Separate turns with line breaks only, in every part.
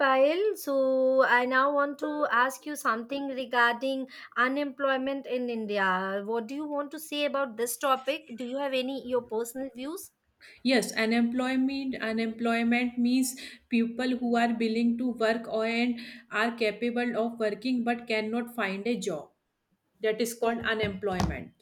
Payal, so I now want to ask you something regarding unemployment in India. What do you want to say about this topic? Do you have any your personal views?
Yes, unemployment means people who are willing to work or and are capable of working but cannot find a job. That is called unemployment.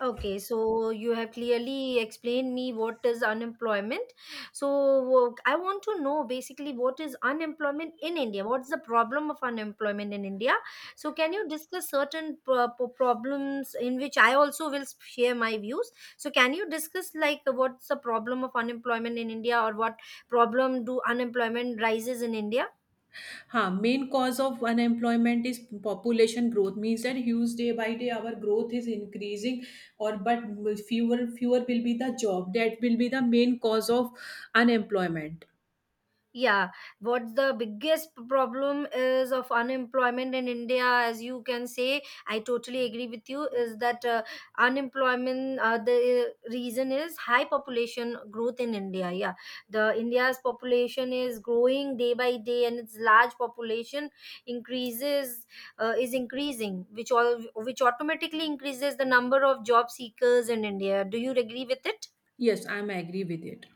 Okay, so you have clearly explained me what is unemployment. So I want to know basically what is unemployment in India? What's the problem of unemployment in India? So can you discuss certain problems in which I also will share my views? So can you discuss like what's the problem of unemployment in India or what problem do unemployment rises in India?
Main हाँ main cause of unemployment is population growth means that huge day by day our growth is increasing fewer but fewer fewer will be the job that will be the main cause of unemployment
Yeah, what's the biggest problem is of unemployment in India, as you can say, I totally agree with you, is that unemployment, the reason is high population growth in India. Yeah, the India's population is growing day by day and its large population increases, is increasing, which all, which automatically increases the number of job seekers in India. Do you agree with it?
Yes I am agree with it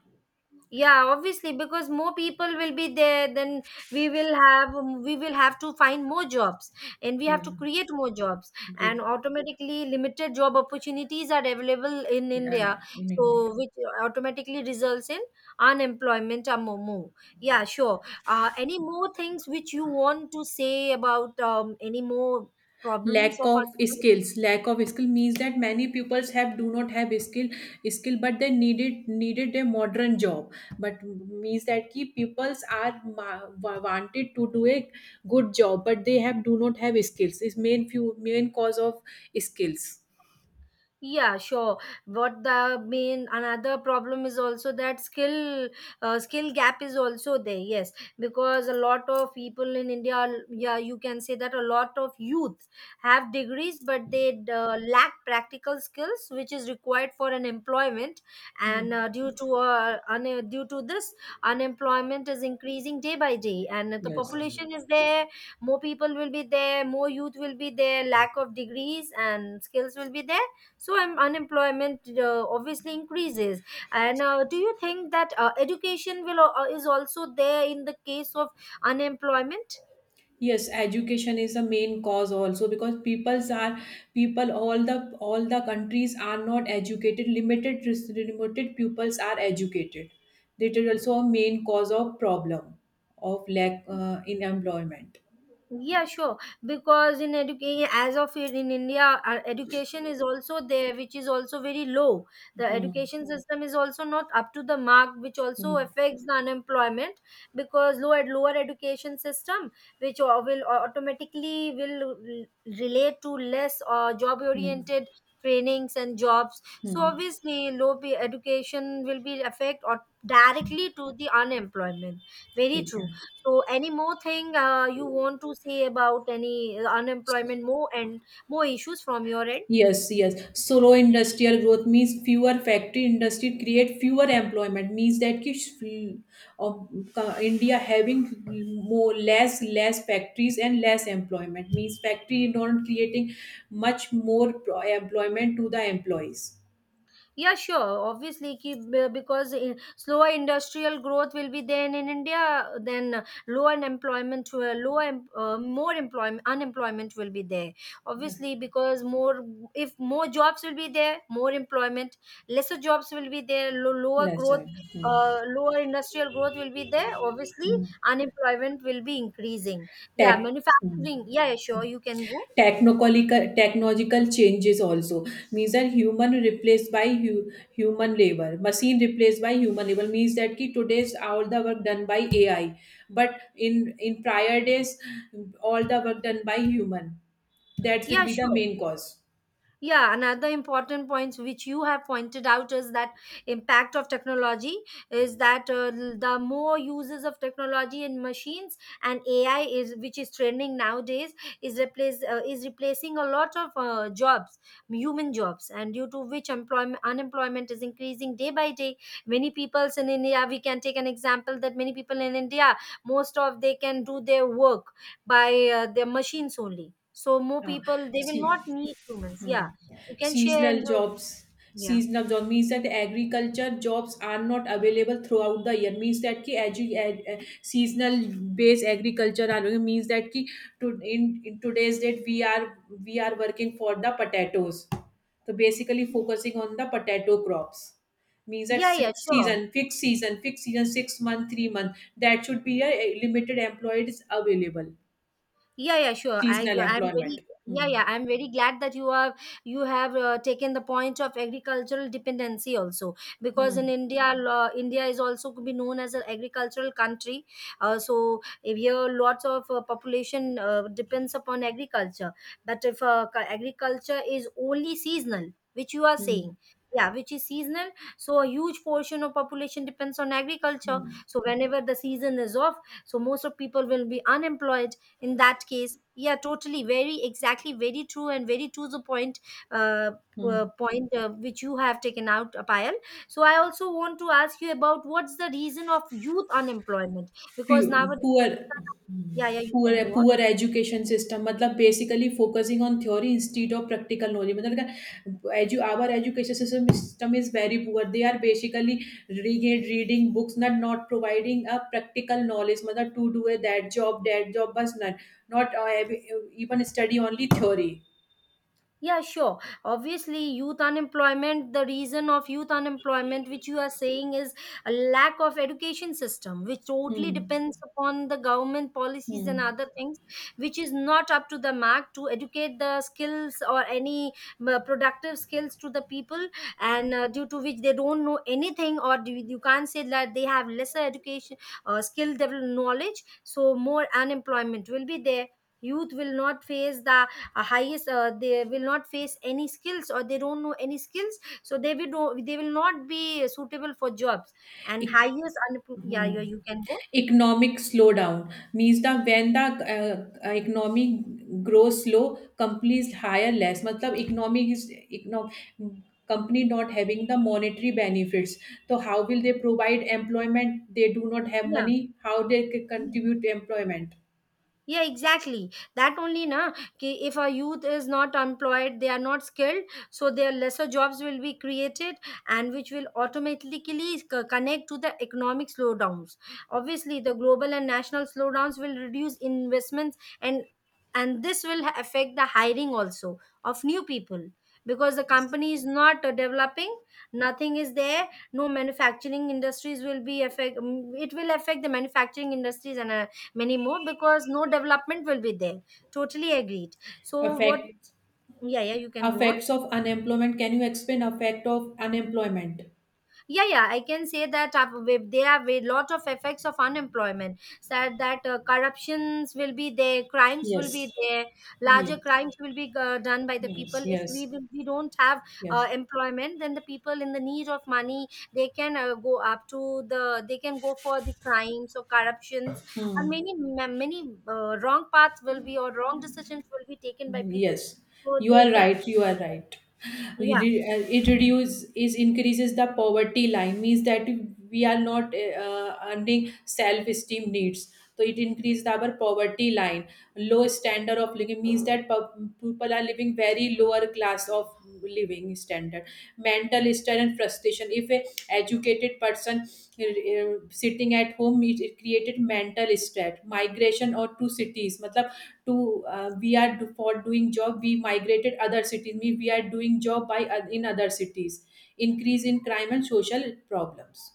Yeah, obviously, because more people will be there, then we will have we will have to find more jobs, and we have to create more jobs, and
great
automatically limited job opportunities are available in India.
in India.
So which automatically results in unemployment among more. Yeah, sure. Any more things which you want to say about any more problems
lack
of
of
unemployment?
skills lack of skill means that many peoples have do not have skill but they needed a modern job, but means that ki peoples are wanted to do a good job, but they have do not have skills is main few main cause of skills.
Yeah, sure. What the main another problem is also that skill skill gap is also there. Yes, because a lot of people in India, yeah, you can say that a lot of youth have degrees, but they lack practical skills, which is required for an employment.
Hmm.
And due to due to this, unemployment is increasing day by day, and the
Yes,
population is there. More people will be there. More youth will be there. Lack of degrees and skills will be there, so unemployment obviously increases. And do you think that education will is also there in the case of unemployment?
yes, education is the main cause also because peoples are people all the countries are not educated, limited pupils are educated. That is also a main cause of problem of lack in employment.
Yeah, sure. Because in education, as of in India, our education is also there, which is also very low. The
Hmm.
education system is also not up to the mark, which also
Hmm.
affects the unemployment because low at lower education system, which will automatically relate to less job
Hmm.
oriented trainings and jobs. So
Hmm.
obviously, low pay education will be affect or directly to the unemployment. Very
ठीक
true.
है.
So, any more thing you want to say about any unemployment more and more issues from your end?
Yes, yes. Slow industrial growth means fewer factory industry create fewer employment, means that ki sh- of India having more less less factories and less employment, means factory not creating much more employment to the employees.
Yeah, sure. Obviously, ki, because in, slower industrial growth will be there in India, then low unemployment, lower, more employment, unemployment will be there.
Yes,
Obviously, because more, if more jobs will be there, more employment, lesser jobs will be there, lower
less
growth,
time. Hmm.
lower industrial growth will be there. Obviously,
Hmm.
unemployment will be increasing. Yeah,
Tech. Hmm.
manufacturing. Yeah, yeah, sure. You can go.
Technological changes also means that human replaced by human labor, machine replaced by human labor, means that ki today's all the work done by ai, but in prior days all the work done by human. That will
Yeah,
be the
sure.
main cause.
Yeah, another important points which you have pointed out is that impact of technology is that the more uses of technology in machines and AI is which is trending nowadays is replace is replacing a lot of jobs, human jobs, and due to which employment unemployment is increasing day by day. Many peoples in India, we can take an example that many people in India, most of they can do their work by their machines only. So more
uh,
people, they will
See.
not need humans.
Hmm.
Yeah, you can share
Seasonal
and you.
jobs.
Yeah.
Seasonal job means that agriculture jobs are not available throughout the year. Means that ki seasonal based agriculture are doing, means that ki in today's date we are working for the potatoes. So basically focusing on the potato crops, means that
Yeah, yeah,
six
sure.
season, fixed season, 6 month, 3 month. That should be a limited employed is available.
Yeah, yeah, sure, i
Seasonal
i'm
employment.
very, yeah,
Hmm.
yeah, I'm very glad that you are, you have taken the point of agricultural dependency also, because
Hmm.
in India, India is also could be known as an agricultural country. So if here lots of population depends upon agriculture, but if agriculture is only seasonal, which you are saying,
Hmm.
yeah, which is seasonal, so a huge portion of population depends on agriculture.
Hmm.
So whenever the season is off, so most of people will be unemployed in that case. Yeah, totally, very exactly, very true, and very true the point, uh,
hmm,
point which you have taken out, Payal. So I also want to ask you about what's the reason of youth unemployment,
poor
because nowadays,
poor
yeah, yeah, you can
poor
go on.
Poor education system मतलब basically focusing on theory instead of practical knowledge मतलब क्या एजु our education system system is very poor they are basically reading reading books not not providing a practical knowledge मतलब to do a that job बस not not even study only theory.
Yeah, sure. Obviously, youth unemployment, the reason of youth unemployment, which you are saying is a lack of education system, which
hmm,
totally depends upon the government
hmm,
policies and other things, which is not up to the mark to educate the skills or any productive skills to the people, and due to which they don't know anything, or do, you can't say that they have lesser education or skill development knowledge, so more unemployment will be there. Youth will not face the highest, they will not face any skills or they don't know any skills, so they will do, they will not be suitable for jobs and
एक
highest unemployment.
Hmm.
Yeah, yeah, you can go.
Economic slowdown means that when the economy grows slow, companies hire less, matlab company not having the monetary benefits, so how will they provide employment? They do not have money, how they
Yeah.
contribute to employment?
Yeah, exactly. That only na ki if our youth is not employed, they are not skilled, so their lesser jobs will be created and which will automatically connect to the economic slowdowns. Obviously, the global and national slowdowns will reduce investments, and this will affect the hiring also of new people, because the company is not developing, nothing is there, no manufacturing industries will be affect, mm, it will affect the manufacturing industries, and many more, because no development will be there. Totally agreed. So what?
Effects.
Yeah, yeah, you can go on.
Effects of unemployment, can you explain effect of unemployment?
Yeah, yeah, I can say that there are a lot of effects of unemployment, said that corruptions will be there, crimes will be
Yes,
there, larger
yes,
crimes will be done by the people,
yes,
if
yes,
we don't have
yes.
employment, then the people in the need of money, they can go up to the they can go for the crimes or corruptions, or many many wrong paths will be, or wrong decisions will be taken by people,
Yes,
so
you
they
are
can.
right. You are right. We re- it reduces is increases the poverty line, means that we are not earning self esteem needs. So it increases our poverty line. Low standard of living means that people are living very lower class of living standard, standard. Mental stress and frustration, if a educated person sitting at home, it created mental stress. Migration or to cities, मतलब to for doing job we migrated other cities, mean we are doing job by in other cities. Increase in crime and social problems.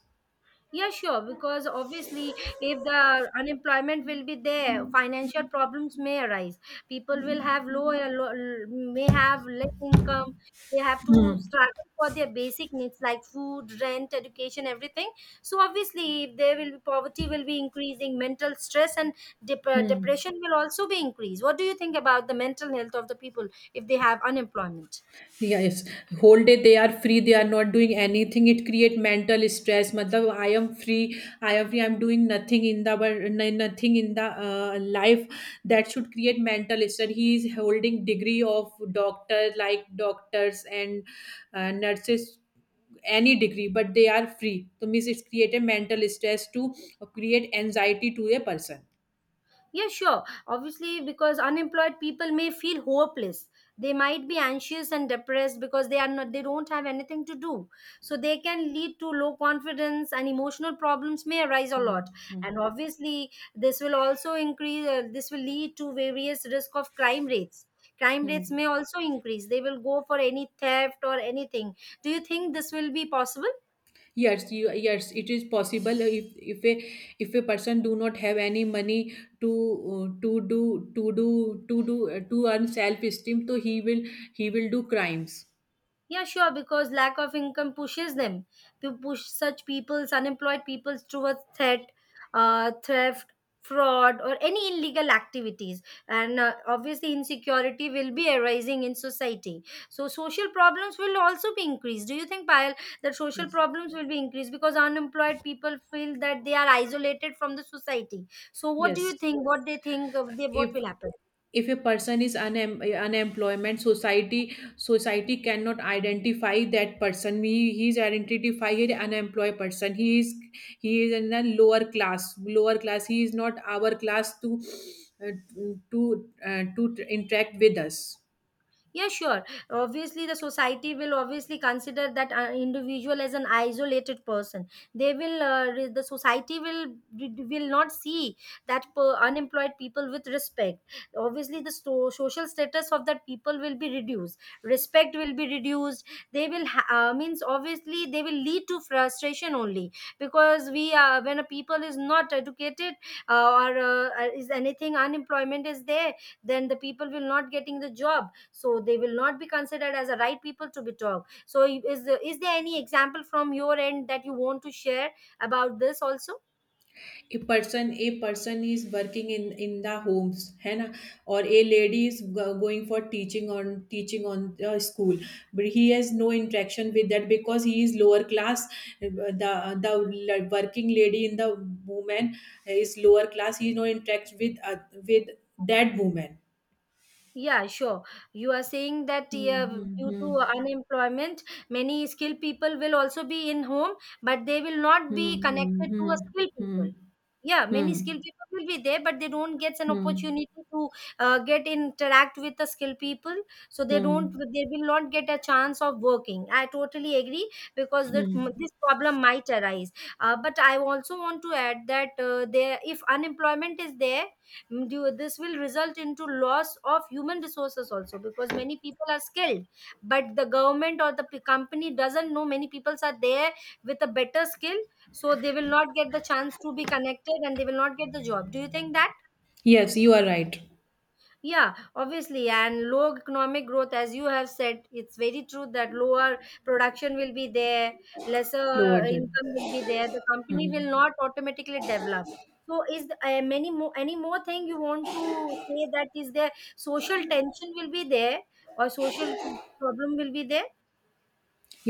Yeah, sure. Because obviously, if the unemployment will be there, financial problems may arise. People will have low, may have less income. They have to
Hmm.
struggle for their basic needs like food, rent, education, everything. So obviously, if there will be poverty, will be increasing. Mental stress and
Hmm.
depression will also be increased. What do you think about the mental health of the people if they have unemployment?
Yes, whole day they are free, they are not doing anything. It create mental stress. मतलब I am free, I am free, I am doing nothing in the nothing in the life. That should create mental stress. He is holding degree of doctor, like doctors and nurses, any degree, but they are free. So means it's create a mental stress, to create anxiety to a person.
Yeah, sure. Obviously, because unemployed people may feel hopeless. They might be anxious and depressed because they are not they don't have anything to do. So they can lead to low confidence, and emotional problems may arise a
Hmm.
lot.
Hmm.
And obviously, this will also increase, this will lead to various risk of crime rates. Crime
Hmm.
rates may also increase. They will go for any theft or anything. Do you think this will be possible?
Yes, yes, it is possible. If a if a person do not have any money to do to do to do to earn self esteem, so he will, he will do crimes.
Yeah, sure, because lack of income pushes them to push such people's unemployed people's towards theft, fraud, or any illegal activities. And obviously, insecurity will be arising in society. So, social problems will also be increased. Do you think, Payal, that social
Yes,
problems will be increased because unemployed people feel that they are isolated from the society? So, what do you
yes.
think? What they think of they, what
If
will happen?
if a person is unemployment, society cannot identify that person. He is identified as unemployed person, he is, he is in a lower class, he is not our class to uh, to interact with us.
Yeah, sure. Obviously, the society will obviously consider that individual as an isolated person. They will the society will not see that per unemployed people with respect. Obviously, the social status of that people will be reduced, respect will be reduced. They will means obviously they will lead to frustration only, because we are, when a people is not educated, or is anything, unemployment is there, then the people will not getting the job, so they will not be considered as a right people to be talked. So is there any example from your end that you want to share about this also?
A person is working in the homes, है ना, और a lady is going for teaching on teaching on the school, but he has no interaction with that because he is lower class. The the l- working lady in the woman is lower class, he no interact with with that woman.
Yeah, sure. You are saying that
Hmm,
yeah,
hmm,
due
hmm.
to unemployment, many skilled people will also be in home, but they will not be
Hmm,
connected to a
hmm,
skilled
hmm,
people. Yeah, many
hmm,
skilled people will be there, but they don't get an
hmm, hmm,
opportunity to get interact with the skilled people. So they don't,
hmm,
they will not get a chance of working. I totally agree because that
hmm.
this problem might arise. But I also want to add that there, if unemployment is there, this will result into loss of human resources also because many people are skilled but the government or the company doesn't know many people are there with a better skill, so they will not get the chance to be connected and they will not get the job. Do you think that?
Yes, you are right.
Yeah, obviously, and low economic growth, as you have said, it's very true that lower production will be there,
Lower
lesser
gen.
income will be there. The company will
Hmm.
not automatically develop. So, is the- many more any more thing you want to say? That is there social tension will be there, or social problem will be there?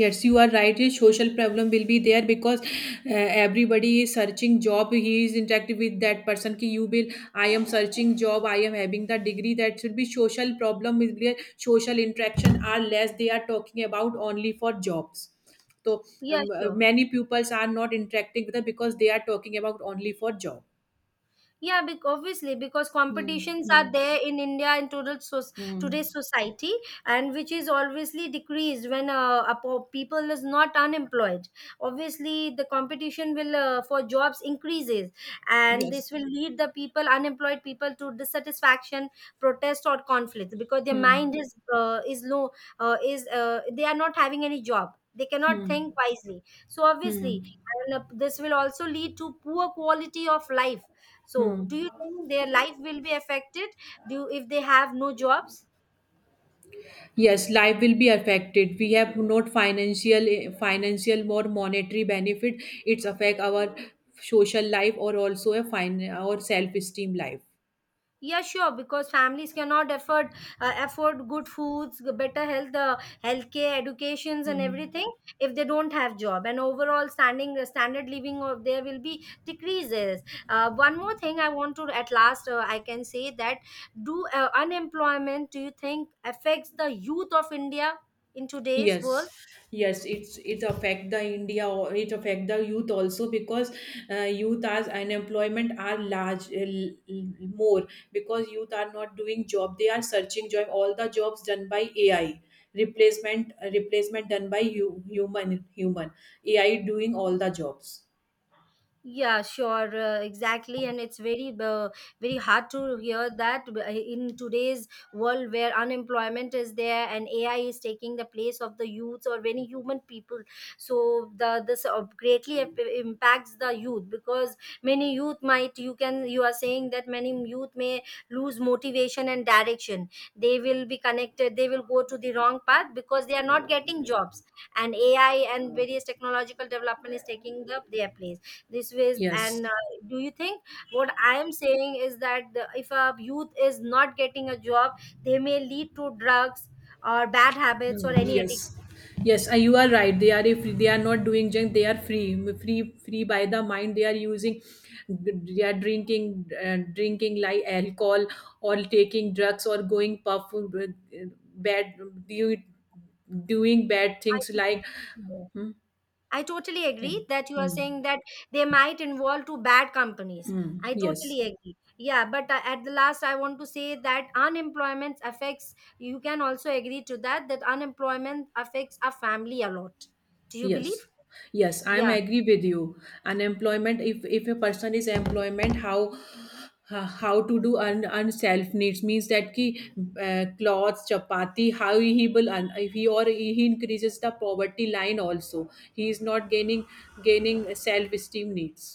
Yes, you are right. A social problem will be there because everybody is searching job. He is interactive with that person. Ki you will. I am searching job. I am having the degree. That should be social problem. Is where social interaction are less. They are talking about only for jobs. So
Yeah, sure.
many pupils are not interacting with them because they are talking about only for job.
Yeah, obviously, because
Hmm.
competitions
Hmm.
are there in India in total, so
Hmm.
today's society, and which is obviously decreased when people is not unemployed. Obviously, the competition will for jobs increases, and
Yes.
this will lead the people, unemployed people, to dissatisfaction, protest, or conflict because their
Hmm.
mind is low, is they are not having any job. They cannot think
Hmm.
wisely. So obviously,
Hmm.
this will also lead to poor quality of life. So, do
Hmm.
you think their life will be affected? Do you, if they have no jobs?
Yes, life will be affected. We have not financial, financial more monetary benefit. It's affect our social life or also a fine or self esteem life.
Yeah, sure. Because families cannot afford afford good foods, better health, healthcare, educations, and
Hmm.
everything if they don't have job. And overall, standing standard living of there will be decreases. One more thing I want to at last, I can say that do unemployment. Do you think affects the youth of India in today's
Yes,
world?
yes, it's, it affect the India or it affect the youth also, because youth as unemployment are large more, because youth are not doing job, they are searching job, all the jobs done by ai, replacement replacement done by you, human ai doing all the jobs.
Yeah, sure, exactly, and it's very, very hard to hear that in today's world where unemployment is there and AI is taking the place of the youths or many human people. So the this greatly impacts the youth because many youth might, you can, you are saying that many youth may lose motivation and direction. They will be connected. They will go to the wrong path because they are not getting jobs, and AI and various technological development is taking up their place this ways,
Yes.
and do you think what I am saying is that if a youth is not getting a job, they may lead to drugs or bad habits or any addiction.
Yes, yes, you are right. They are, if they are not doing junk, they are free by the mind. They are using, they are drinking, drinking like alcohol, or taking drugs, or going puff, bad, do, doing bad
i
things
think-
like,
Yeah.
hmm,
I totally agree
thing.
that you are
Hmm,
saying that they might involve to bad companies.
hmm,
I totally
yes.
agree. Yeah, but at the last I want to say that unemployment affects, you can also agree to that, that unemployment affects a family a lot. Do you
Yes,
believe?
yes, I'm
Yeah.
agree with you. Unemployment, if a person is employment, how to do un self needs, means that ki clothes, chapati, how he will un, if he or he increases the poverty line also. He is not gaining self esteem needs.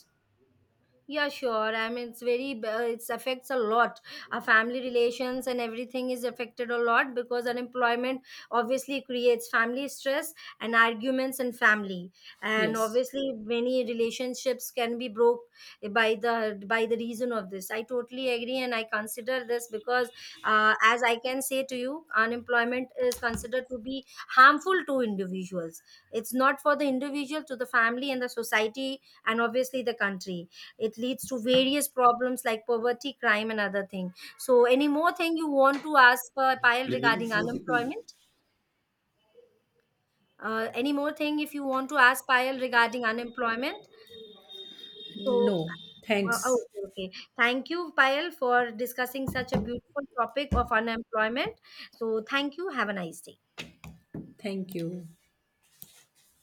Yeah, sure. I mean, it's very, it affects a lot. Our family relations and everything is affected a lot because unemployment obviously creates family stress and arguments in family. And
Yes.
obviously, many relationships can be broke by the reason of this. I totally agree, and I consider this because, as I can say to you, unemployment is considered to be harmful to individuals. It's not for the individual, to the family and the society, and obviously the country. It leads to various problems like poverty, crime, and other thing. So, any more thing you want to ask Payal
You didn't
regarding
force it.
unemployment? Any more thing if you want to ask Payal regarding unemployment? So,
No. Thanks.
oh, okay, okay. Thank you, Payal, for discussing such a beautiful topic of unemployment. So, thank you. Have a nice day.
Thank you.